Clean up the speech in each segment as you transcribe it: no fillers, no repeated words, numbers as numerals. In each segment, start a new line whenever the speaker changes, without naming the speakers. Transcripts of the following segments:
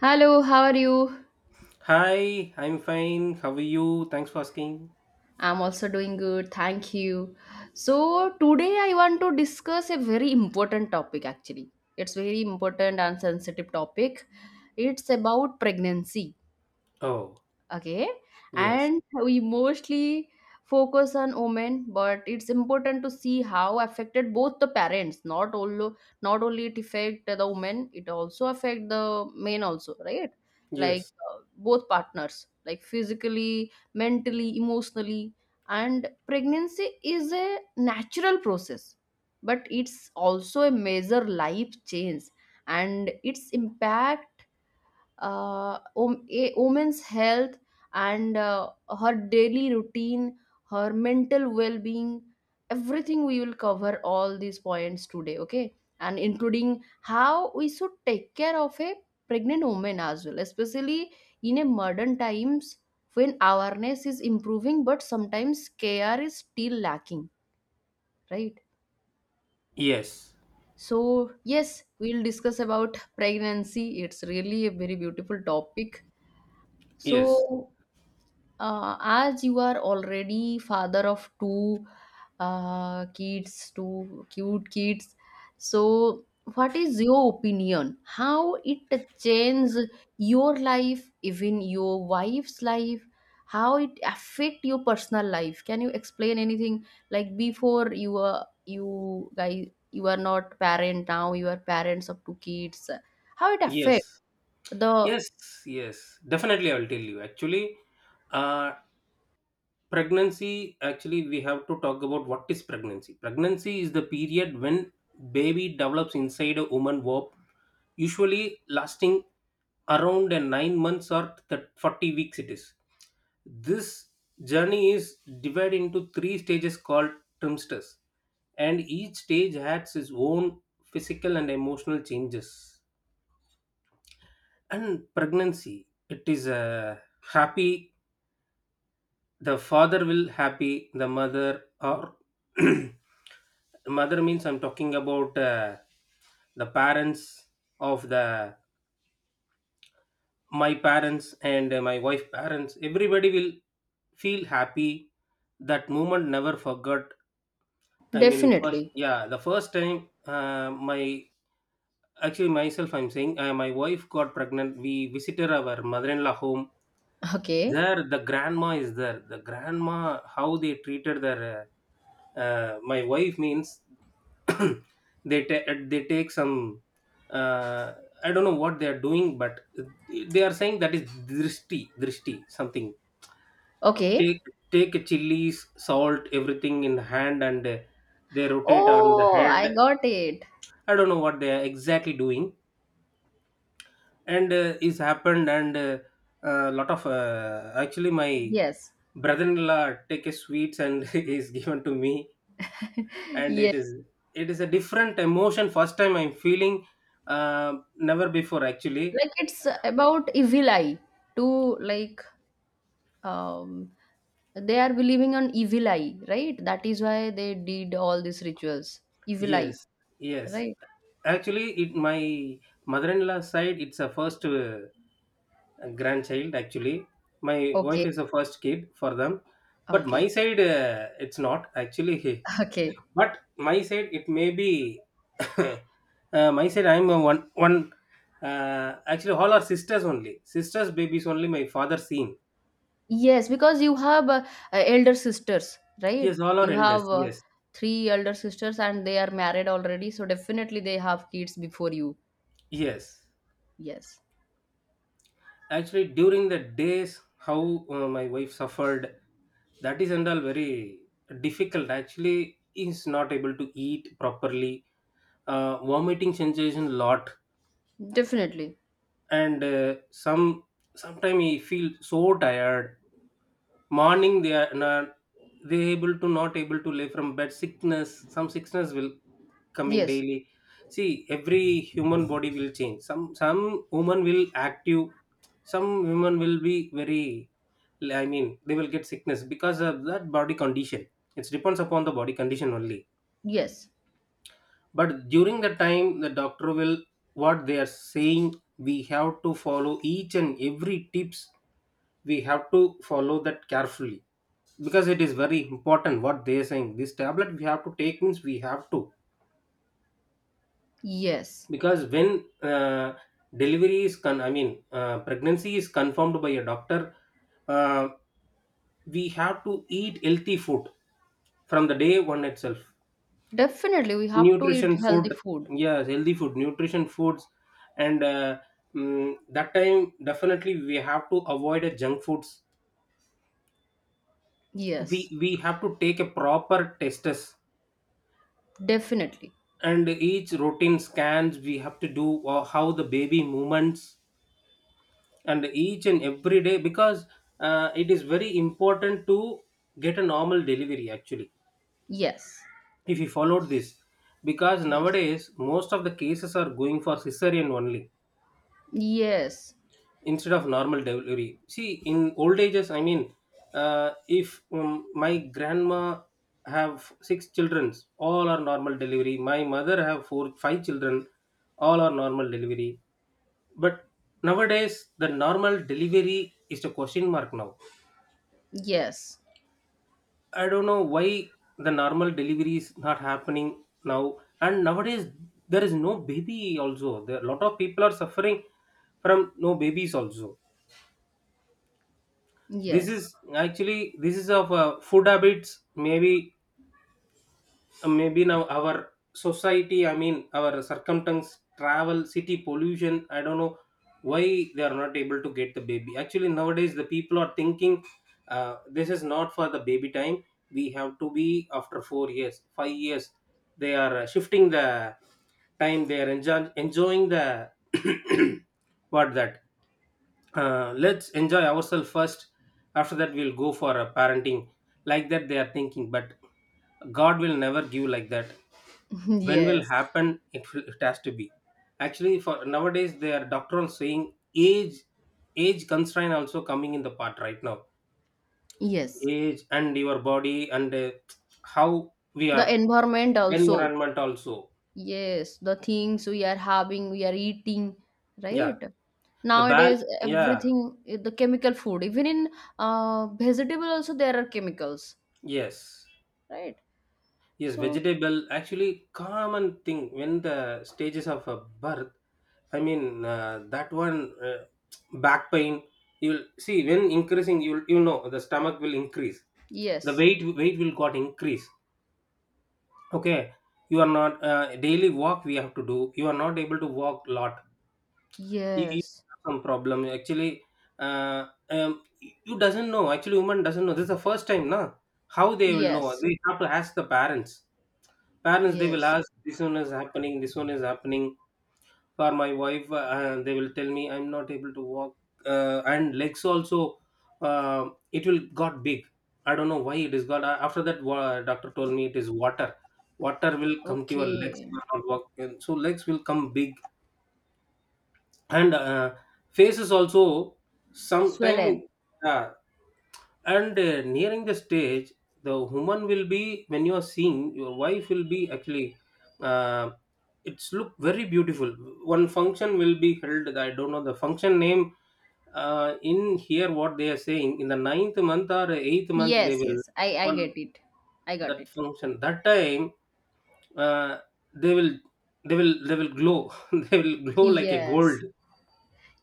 Hello, how are you?
Hi, I'm fine. How are you? Thanks for asking.
I'm also doing good, thank you. Today I want to discuss a very important topic actually. It's very important and sensitive topic. It's about pregnancy.
Oh,
Okay,
yes,
and we mostly focus on women, but it's important to see how affected both the parents, not only not only it affect the women, it also affect the men also, right? Like
yes,
both partners, like physically, mentally, emotionally. And pregnancy is a natural process, but it's also a major life change. And its impact, a woman's health, and her daily routine, her mental well being, everything, we will cover all these points today, okay? And including how we should take care of a pregnant woman as well, especially in a modern times, when awareness is improving, but sometimes care is still lacking, right?
yes,
Yes, we'll discuss about pregnancy. It's really a very beautiful topic.
yes,
So, as you are already father of two kids, two cute kids, so what is your opinion, how it changes your life, even your wife's life, how it affect your personal life? Can you explain anything? Like before, you guys you are not parent, now you are parents of two kids. How it
yes,
affect the,
yes, yes. Definitely, I will tell you. Actually, uh, pregnancy, actually, we have to talk about what is pregnancy. Pregnancy is the period when baby develops inside a woman womb, usually lasting around a 9 months or 40 weeks it is. This journey is divided into three stages called trimsters, and each stage has its own physical and emotional changes. And pregnancy, it is a happy. The father will happy. The mother or mother means I'm talking about the parents of the my parents and my wife parents. Everybody will feel happy. That moment never forgot. I mean, first,
definitely.
yeah, the first time, my actually myself, I'm saying, my wife got pregnant. We visited our mother-in-law home.
Okay.
There, the grandma is there. The grandma, how they treated their, my wife means, they take some. Uh, I don't know what they are doing, but they are saying that is drishti, drishti, something.
Okay.
Take take chilies, salt, everything in hand, and they rotate on the
Oh, I
head.
got it.
I don't know what they are exactly doing, and it's happened. And a lot of actually, my
Yes.
brother-in-law take his sweets and is given to me, and it
Yes.
is it is a different emotion. First time I'm feeling, never before actually.
Like it's about evil eye, to like, um they are believing on evil eye, right? That is why they did all these rituals. Evil eye,
Yes, yes.
right?
Actually, it my mother-in-law side. It's a first, grandchild actually. My wife
Okay.
is a first kid for them, but my
Okay.
side, it's not actually.
Okay.
But my side, it may be, my side. I'm a one one. Actually, all our sisters only. Sisters' babies only. My father seen.
Yes, because you have elder sisters,
Yes,
right?
all our
You have
elders. Yes,
three elder sisters and they are married already, so definitely they have kids before you.
yes.
Yes.
Actually, during the days, how my wife suffered. That is and all very difficult. Actually, is not able to eat properly. Vomiting sensation lot,
Definitely.
and sometime he feel so tired. Morning they are not, they able to not able to lay from bed, sickness, some sickness will coming
Yes.
daily. See, every human body will change, some woman will active, some women will be very, I mean they will get sickness because of that body condition. It depends upon the body condition only.
Yes.
But during the time the doctor will, what they are saying, we have to follow each and every tips. We have to follow that carefully because it is very important. What they are saying, this tablet we have to take means, we have to.
Yes.
Because when delivery is I mean pregnancy is confirmed by a doctor, uh, we have to eat healthy food from the day one itself.
Definitely, we have to
Nutrition
eat
food,
healthy food.
yes, healthy food, nutrition foods. And that time definitely we have to avoid junk foods. we
Yes,
we have to take a proper testes,
definitely.
and each routine scans we have to do, how the baby movements, and each and every day, because it is very important to get a normal delivery actually,
Yes,
if you followed this, because
yes,
nowadays most of the cases are going for cesarean only
yes,
instead of normal delivery. See, in old ages, I mean, if my grandma have six children, all are normal delivery. My mother have four, five children, all are normal delivery. But nowadays, the normal delivery is the question mark now.
yes,
I don't know why the normal delivery is not happening now. And nowadays, there is no baby also. There a lot of people are suffering from no babies also. This
yes,
is actually, this is of food habits maybe, maybe now our society, I mean our circumstance, travel, city, pollution, I don't know why they are not able to get the baby. Actually nowadays the people are thinking, this is not for the baby time, we have to be after 4 years 5 years. They are shifting the time, they are enjoying the, what that, let's enjoy ourselves first, after that we'll go for a parenting, like that they are thinking. But god will never give like that, when will
yes,
happen it, will, it has to be actually. For nowadays they are doctoral saying age constraint also coming in the part right now,
yes.
age and your body and how we
The
are,
environment also.
environment also.
Yes, the things we are having, we are eating,
Yeah,
right?
the bal
Nowadays,
yeah,
everything, eh, the chemical food, even in vegetable also there are chemicals,
yes,
right?
yes,
So,
vegetable actually common thing when the stages of a birth. I mean, that one, back pain. You'll see when increasing, you know the stomach will increase. The
yes,
weight weight will got increase. Okay, you are not daily walk, we have to do. You are not able to walk lot. You
yes,
have some problem actually. Uh, um, you doesn't know actually. Woman doesn't know. This is the first time, na? How they will know?
yes,
They have to ask the parents. Parents they will
yes.
ask. This one is happening. This one is happening. For my wife, they will tell me, I'm not able to walk and legs also, uh, it will got big. I don't know why it is got, after that, doctor told me it is water. Water will come to your legs,
Okay.
you are not walking so legs will come big. And faces also sometime,
Swellen.
yeah. And nearing the stage, the woman will be, when you are seeing, your wife will be actually, uh, it's look very beautiful. One function will be held, I don't know the function name, in here what they are saying, in the ninth month or eighth month they
Yes,
will,
yes. I
on
get it. I got
that
it.
function that time, uh, they will they will glow. They will glow like a gold.
Yes.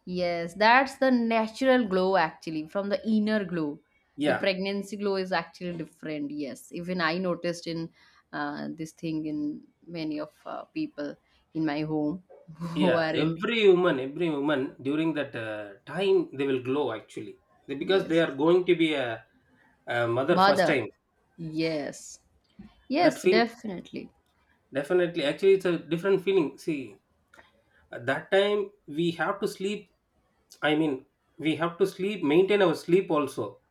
Yes. That's the natural glow actually from the inner glow. The
Yeah,
pregnancy glow is actually different. Yes. Even I noticed in this thing in many of people in my home who
yeah,
are in.
every woman during that time they will glow actually. Because they
Yes.
are going to be a mother first
Mother.
time.
Yes.
That
Yes,
feel,
definitely.
definitely actually it's a different feeling. See, at that time we have to sleep. I mean, we have to sleep, maintain our sleep also.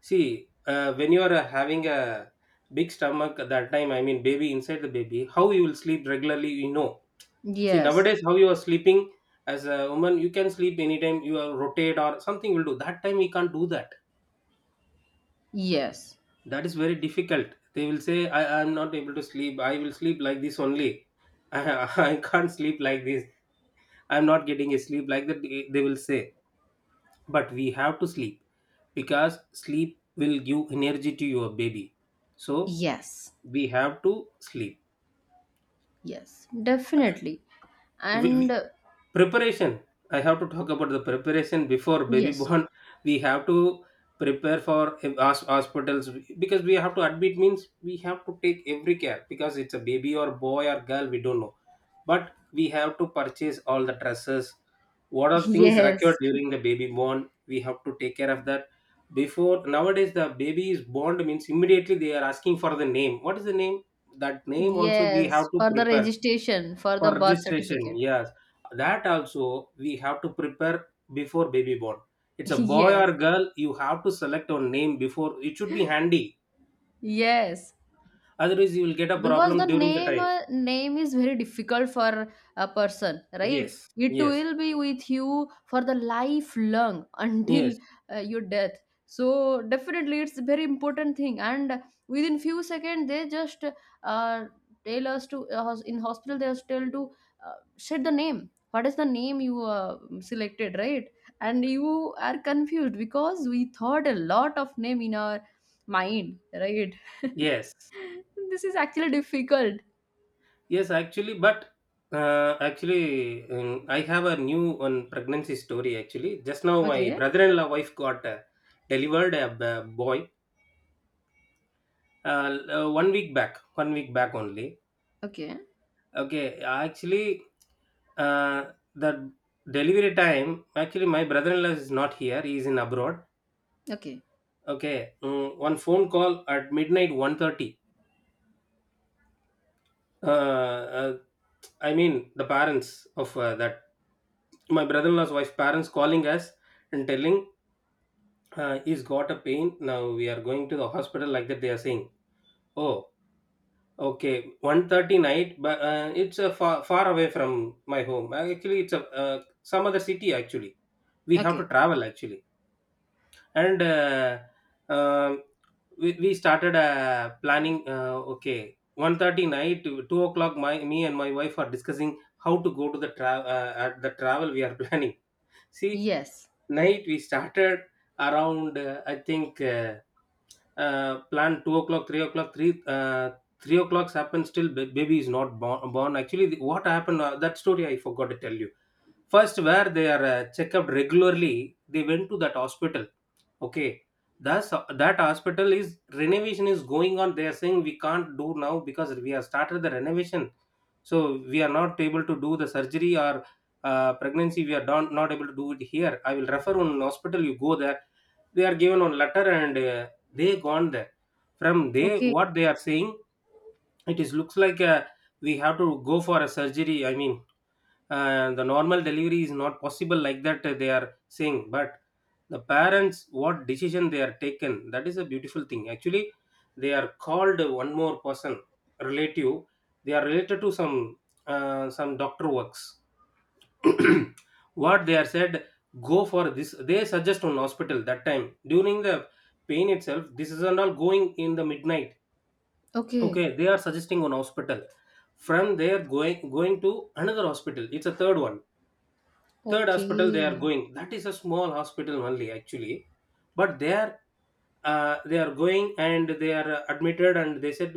See, when you are having a big stomach at that time, I mean, baby inside the baby, how you will sleep regularly, you know? See,
Yes.
nowadays, how you are sleeping as a woman, you can sleep anytime, you are rotate or something will do. That time, we can't do that.
Yes.
That is very difficult. They will say, I am not able to sleep, I will sleep like this only. I, I can't sleep like this. I'm not getting a sleep like that, they will say. But we have to sleep because sleep will give energy to your baby. So,
Yes.
we have to sleep.
Yes. Definitely.
We
And
preparation, I have to talk about the preparation before baby
yes.
born. We have to prepare for hospitals, because we have to admit means we have to take every care because it's a baby or boy or girl we don't know. But we have to purchase all the dresses, what are things required
Yes,
during the baby born we have to take care of that. Before nowadays the baby is born means immediately they are asking for the name, what is the name. That name also we have
yes,
to
for the
prepare
registration, for
for
the birth
registration.
certificate.
Yes, that also we have to prepare before baby born. It's a boy or
Yes,
girl, you have to select a name before, it should be handy,
yes.
otherwise you will get a
Because
problem
the
during the
name,
time.
name is very difficult for a person, right?
Yes,
It
yes,
will be with you for the lifelong until
yes,
your death. So definitely it's a very important thing, and within few seconds they just uh, tell us to in hospital they just tell to shed the name, what is the name you selected, right? And you are confused because we thought a lot of name in our mind, right?
yes,
This is actually difficult.
yes. Actually, but actually I have a new one pregnancy story. Actually just now, my
Okay,
brother-in-law wife got delivered a boy, one week back, one week back only.
okay,
Okay, actually the delivery time, actually my brother-in-law is not here, he is in abroad.
okay,
Okay, one phone call at midnight, 1:30. uh, uh, I mean the parents of that, my brother-in-law's wife's parents, calling us and telling, he's got a pain now, we are going to the hospital, like that they are saying. Oh, okay. 1:30 night, but it's a far, far away from my home actually, it's a some other city actually, we have to
okay.
travel actually. And um we started planning, okay, 1:30 night to 2 o'clock, my me and my wife are discussing how to go to the travel, at the travel we are planning. See,
Yes.
night we started around I think plan, 2 o'clock, 3 o'clock, 3 o'clock's happened, still baby is not born, born. Actually, what happened, that story I forgot to tell you. First, where they are checked up regularly, they went to that hospital. Okay, thus that hospital is renovation is going on, they are saying we can't do now because we have started the renovation. So we are not able to do the surgery or pregnancy, we are not able to do it here, I will refer on hospital, you go there. They are given on letter, and they gone there. From, they
Okay,
what they are saying, it is looks like we have to go for a surgery. I mean, the normal delivery is not possible like that, they are saying. But the parents, what decision they are taken, that is a beautiful thing actually. They are called one more person, relative. They are related to some, some doctor works. What they are said, go for this, they suggest on hospital. That time during the pain itself, this is not going, in the midnight. Okay,
okay,
they are suggesting on hospital. From there, going to another hospital, it's a third one. Third hospital they are
okay,
going, that is a small hospital only actually. But they are, they are going, and they are admitted, and they said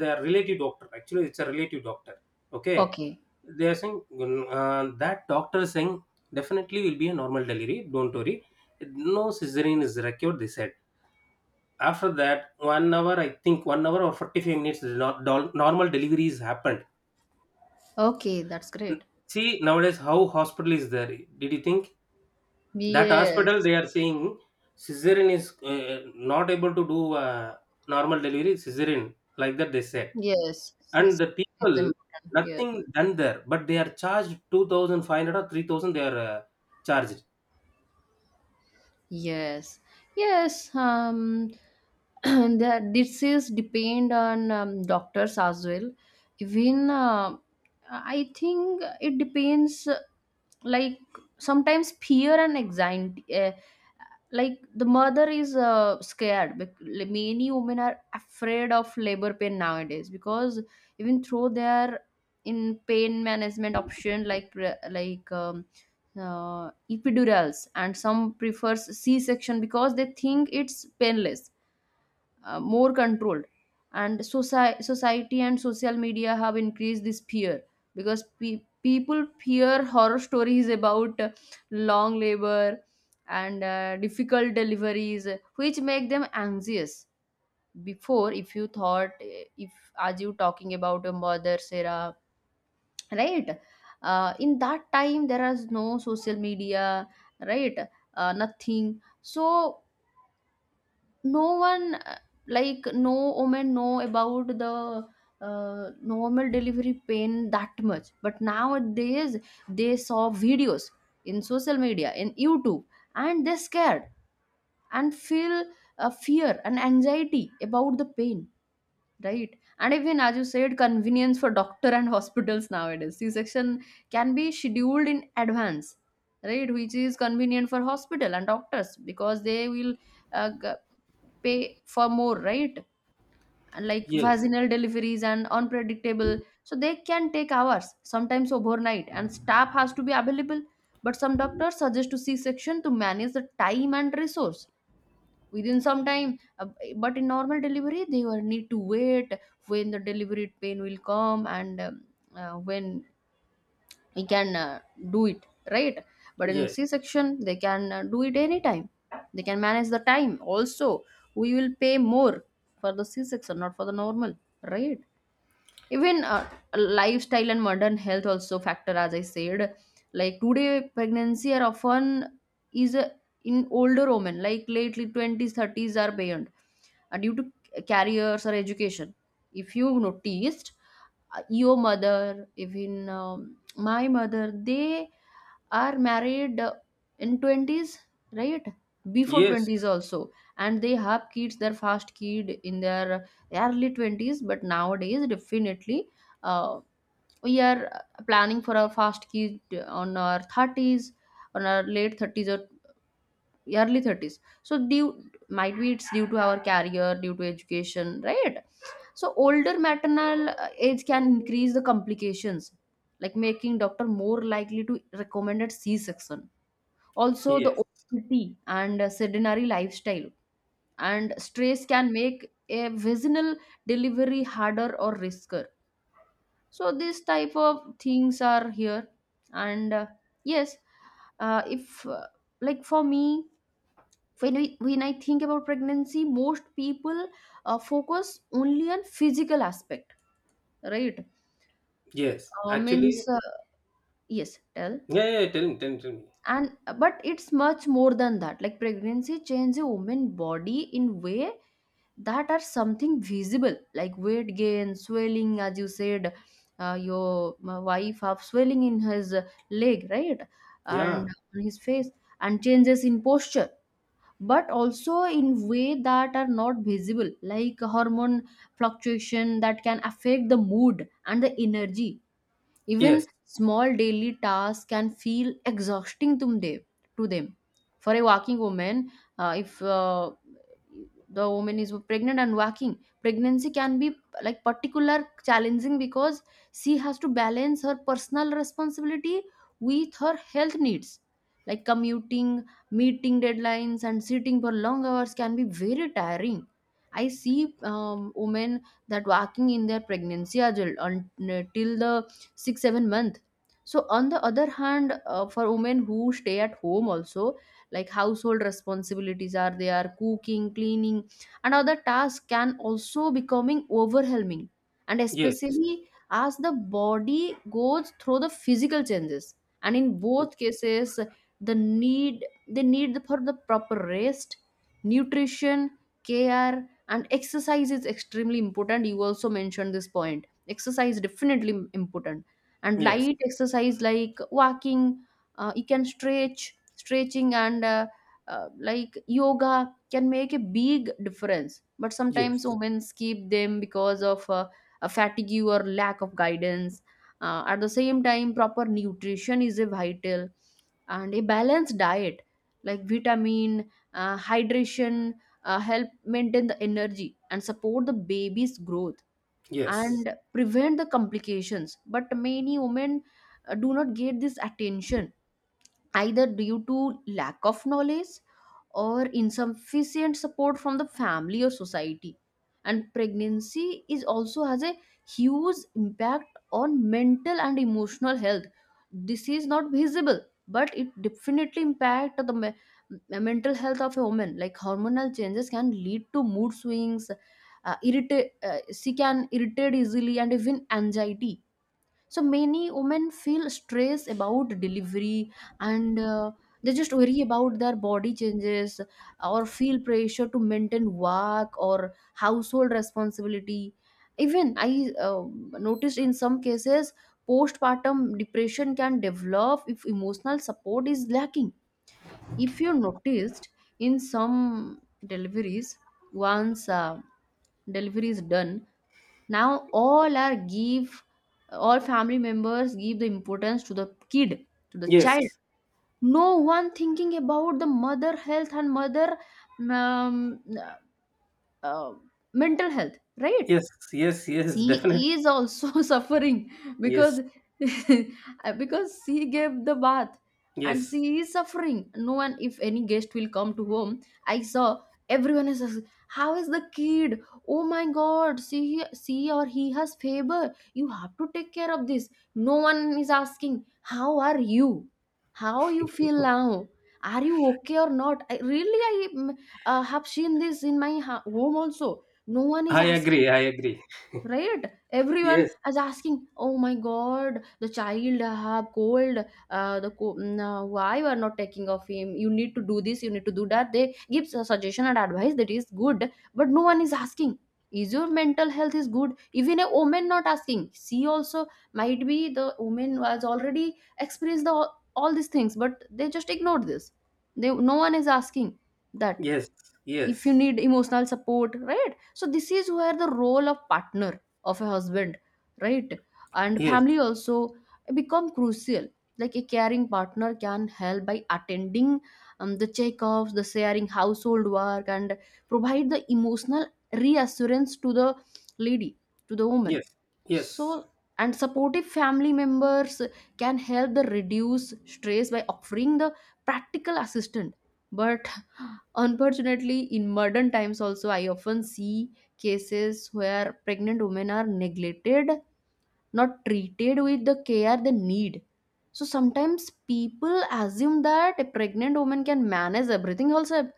they are relative doctor. Actually it's a relative doctor. Okay,
okay,
they are saying, "Mm, that doctor is saying definitely will be a normal delivery, don't worry, no cesarean is required," they said. After that, 1 hour, I think 1 hour or 45 minutes, the normal deliveries happened.
okay. That's
N-
great.
See, nowadays, how hospital is there, did you think? That hospital,
Yes,
they are saying cesarean is not able to do, normal delivery, cesarean, like that they said.
yes.
And the people,
It's important. Yes,
nothing done there, but they are charged 2,500 or 3,000, they are charged.
yes, yes. That this is depend on doctors as well. Even I think it depends. Like sometimes fear and anxiety. Like the mother is scared, like, many women are afraid of labor pain nowadays because even through their, in pain management option, like epidurals, and some prefers c-section because they think it's painless, more controlled. And society and social media have increased this fear because people fear horror stories about long labor and difficult deliveries, which make them anxious. Before, if you thought, eh, if, as you talking about your mother Sarah, right, in that time there is no social media, right, nothing. So no one, like no woman know about the normal delivery pain that much, but nowadays they saw videos in social media, in YouTube, and they scared and feel fear and anxiety about the pain, right? And even as you said, convenience for doctor and hospitals, nowadays c-section can be scheduled in advance, right, which is convenient for hospital and doctors because they will uh, g- pay for more, right? And like
Yes,
vaginal deliveries and unpredictable, so they can take hours, sometimes overnight, and staff has to be available, but some doctors suggest to c-section to manage the time and resource within some time. But in normal delivery they will need to wait when the delivery pain will come, and when we can do it, right? But in
yes,
c section they can do it anytime, they can manage the time also. We will pay more for the c section, not for the normal, right? Even lifestyle and modern health also factor, as I said. Like today pregnancy are often is a, in older women, like lately 20s, 30s are beyond, due to careers or education. If you noticed, your mother, even my mother, they are married in 20s, right, before
yes,
20s also, and they have kids, their first kid in their early 20s. But nowadays definitely uh, we are planning for a fast kid on our 30s, on our late 30s or early 30s. So due, might be it's due to our career, due to education, right? So older maternal age can increase the complications, like making doctor more likely to recommend a c-section. Also the
yes,
obesity and sedentary lifestyle and stress can make a vaginal delivery harder or riskier. So these type of things are here, and yes. If like for me, when I think about pregnancy, most people focus only on physical aspect, right?
yes actually.
Means yes, tell.
Yeah, yeah, tell me, tell me, tell me.
And but it's much more than that. Like pregnancy changes a woman body in way that are something visible, like weight gain, swelling, as you said, your wife have swelling in his leg, right, and
Yeah.
on his face, and changes in posture, but also in way that are not visible, like hormone fluctuation that can affect the mood and the energy.
Yes,
Even small daily tasks can feel exhausting to them. To them. For a working woman, if the woman is pregnant and working, pregnancy can be like particular challenging because she has to balance her personal responsibility with her health needs. Like commuting, meeting deadlines, and sitting for long hours can be very tiring. I see women that working in their pregnancy as well until the 6 7 month. So on the other hand, for women who stay at home also, like household responsibilities are there, cooking, cleaning, and other tasks can also becoming overwhelming, and
yes,
especially as the body goes through the physical changes. And in both cases, the need they need for the proper rest, nutrition, care, and exercise is extremely important. You also mentioned this point, exercise definitely important. And
yes,
light exercise, like walking, you can stretch stretching and like yoga can make a big difference, but sometimes
yes.
women skip them because of a fatigue or lack of guidance. At the same time, proper nutrition is a vital, and a balanced diet, like vitamin, hydration, help maintain the energy and support the baby's growth
Yes,
and prevent the complications, but many women do not get this attention, either due to lack of knowledge or insufficient support from the family or society. And pregnancy is also has a huge impact on mental and emotional health. This is not visible, but it definitely impact the mental health of a woman. Like hormonal changes can lead to mood swings, irritate she can irritate easily, and even anxiety. So many women feel stress about delivery, and they just worry about their body changes or feel pressure to maintain work or household responsibility. Even I noticed in some cases postpartum depression can develop if emotional support is lacking. If you noticed, in some deliveries, once delivery is done, now all are give, all family members give the importance to the kid, to the child.
yes,
No one thinking about the mother health and mother, um, uh, mental health, right?
yes, yes, yes, definitely.
She is also suffering
Yes,
because because she gave the bath and
yes.
she is suffering. No one, if any guest will come to home, I saw, everyone is asking, how is the kid, oh my god, she or he has fever, you have to take care of this. No one is asking how are you, how you feel now, are you okay or not. I really have seen this in my home also. No one is
I agree,
asking,
I agree.
right? Everyone
Yes,
is asking, oh my god, the child have cold, why you are not taking of him, you need to do this, you need to do that, they give a suggestion and advice That is good. But no one is asking, is your mental health is good? Even a woman not asking. She also might be the woman has already experienced all these things, but they just ignored this. They, no one is asking that.
yes,
If you
yes,
need emotional support, right? So this is where the role of partner, of a husband, right, and
yes,
family also become crucial. Like a caring partner can help by attending the checkups, the sharing household work, and provide the emotional reassurance to the lady, to the woman.
yes, yes,
So and supportive family members can help the reduce stress by offering the practical assistance. But unfortunately, in modern times also, I often see cases where pregnant women are neglected, not treated with the care they need. So sometimes people assume that a pregnant woman can manage everything herself,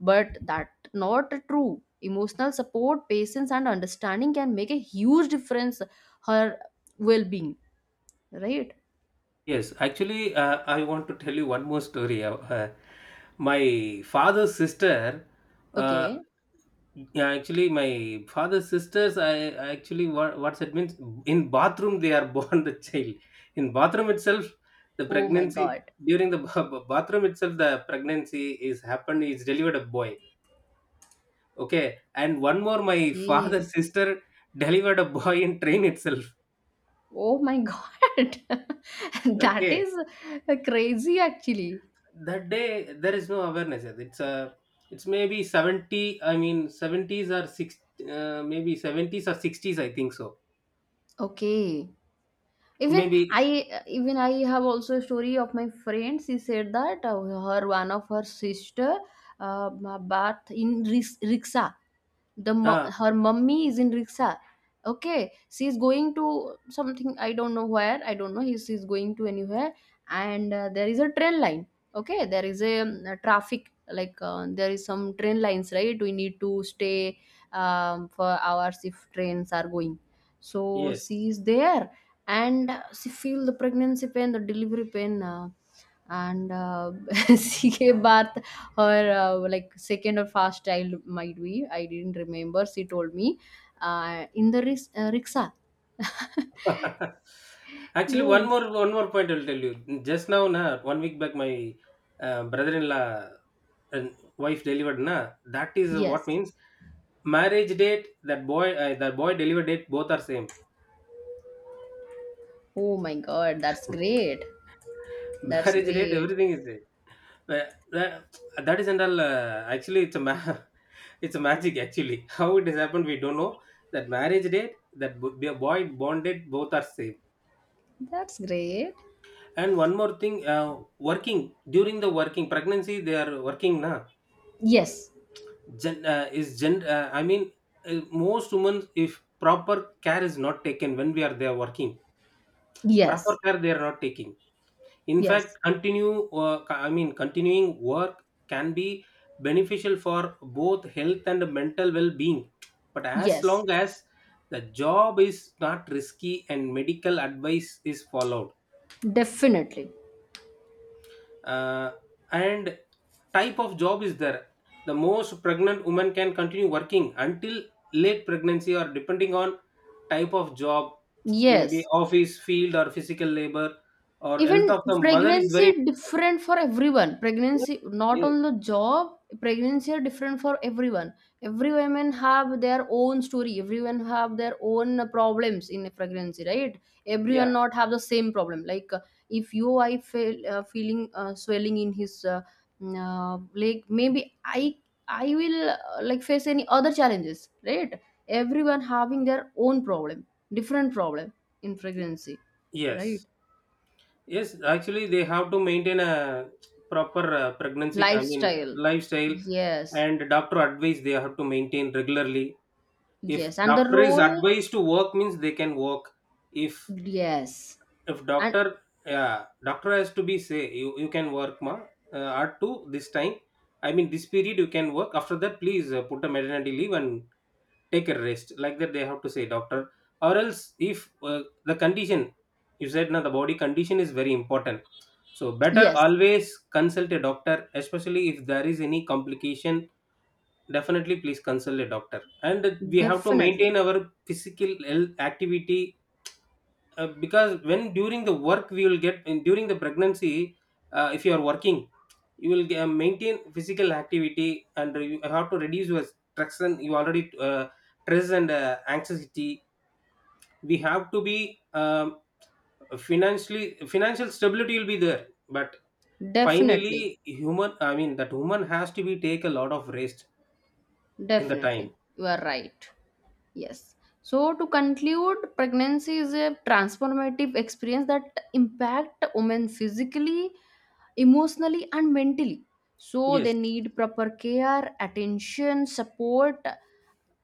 but that not true. Emotional support, patience, and understanding can make a huge difference her well-being. Right?
yes. Actually, I want to tell you one more story. My father's sister, uh,
Okay.
yeah, actually, my father's sisters, I actually, what's it means? In bathroom, they are born the child. In bathroom itself, the
Oh my
pregnancy,
God.
during the bathroom itself, the pregnancy is happened, is delivered a boy. Okay. And one more, my father's
Okay.
sister delivered a boy in train itself.
Oh my God. That
Okay,
is crazy actually.
that day there is no awareness yet. It's a, it's maybe 70. I mean, seventies or maybe seventies or sixties, I think so.
Okay. Even
Maybe.
I even I have also a story of my friend. She said that her one of her sister uh, bath in riksha,
Ah,
her mummy is in rickshaw. Okay, she's going to something, I don't know where, I don't know if she's going to anywhere. And there is a train line. Okay, there is a traffic, like there is some train lines, right? We need to stay for hours if trains are going. So
yes.
she is there, and she feel the pregnancy pain, the delivery pain, and she gave birth her like second or first child, might be, I didn't remember, she told me, in the rickshaw.
Actually,
Yes.
one more point I'll tell you. Just now, na, one week back, my brother-in-law and wife delivered, na. That is what
Yes.
means, marriage date, that boy, that boy delivered date, both are same.
Oh my God, that's great. That's
Marriage date,
great.
everything is, Tha that that is and all, actually it's a ma it's a magic actually. How it has happened, we don't know. That marriage date, that bo b boy bonded, both are safe.
That's great.
And one more thing, working during the working pregnancy, they are working, na.
Yes.
Gen is gen I mean, most women, if proper care is not taken when we are there working, proper
Yes.
care they are not taking. In fact,
Yes.
continue, I mean, continuing work can be beneficial for both health and mental well-being, but as long
Yes,
as the job is not risky and medical advice is followed,
definitely.
uh, and type of job is there, the most pregnant woman can continue working until late pregnancy, or depending on type of job, maybe
Yes.
office field or physical labor, or
Even
health of the mother is
pregnancy
very important.
different for everyone, pregnancy not
Yes.
on the job, pregnancy are different for everyone. Every women have their own story, everyone have their own problems in a pregnancy, right?
Yeah,
Everyone not have the same problem, like if you, I feel feeling swelling in his leg, maybe I will like face any other challenges, right? Everyone having their own problem, different problem in pregnancy. Right.
yes. Yes, actually they have to maintain a proper pregnancy, I mean
Lifestyle.
lifestyle,
Yes.
and doctor advice they have to maintain regularly. If
Yes, and the
doctor is
role.
advised to work means they can work. If
Yes.
if
And
doctor, yeah, doctor has to be say, you can work ma, up to this time, I mean this period you can work. After that please put a maternity leave and take a rest, like that they have to say doctor. Or else if the condition, you said now the body condition is very important, so better
yes.
always consult a doctor, especially if there is any complication. Definitely please consult a doctor, and we have to maintain
Definitely.
our physical health activity, because when during the work we will get in during the pregnancy, if you are working, you will maintain physical activity, and you have to reduce your stress, and you already stress and anxiety, we have to be, um, financially, financial stability will be there, but
Definitely.
finally human, I mean that woman has to be take a lot of rest in the time.
Definitely. You are right. Yes. So to conclude, pregnancy is a transformative experience that impact women physically, emotionally, and mentally. So they
Yes,
need proper care, attention, support,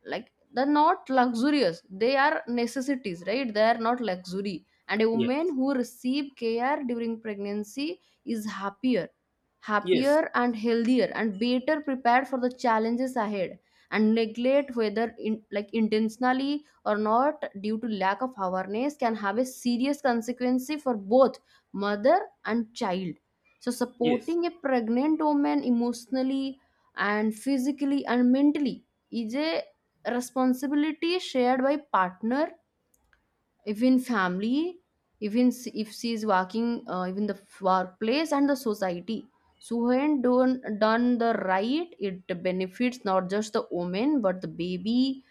like they're not luxurious, they are necessities, right? They are not luxury. And a woman
yes,
who receive care during pregnancy is happier,
yes,
happier and healthier and better prepared for the challenges ahead. And neglect, whether in, like intentionally or not, due to lack of awareness, can have a serious consequence for both mother and child. So
yes,
supporting a pregnant woman emotionally and physically and mentally is a responsibility shared by partner, even family, even if she is working, even the workplace and the society. So when done the right, it benefits not just the woman but the baby,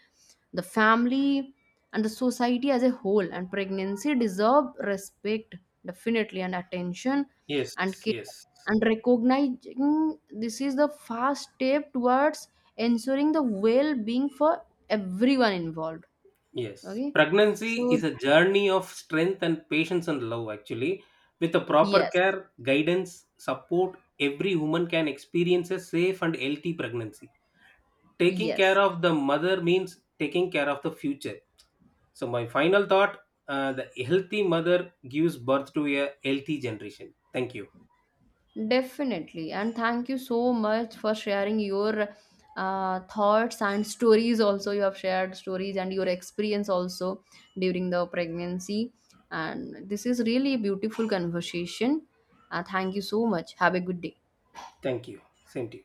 the family, and the society as a whole. And pregnancy deserve respect, definitely, and attention
yes,
and care.
yes.
And recognizing this is the first step towards ensuring the well-being for everyone involved.
Yes,
Okay.
pregnancy
So
is a journey of strength and patience and love, actually. With a proper
yes,
care, guidance, support, every woman can experience a safe and healthy pregnancy. Taking care
yes,
of the mother means taking care of the future. So, my final thought, the healthy mother gives birth to a healthy generation. Thank you.
definitely. And thank you so much for sharing your thoughts and stories. Also, you have shared stories and your experience also during the pregnancy. And this is really a beautiful conversation. Thank you so much. Have a good day.
Thank you. Same to you.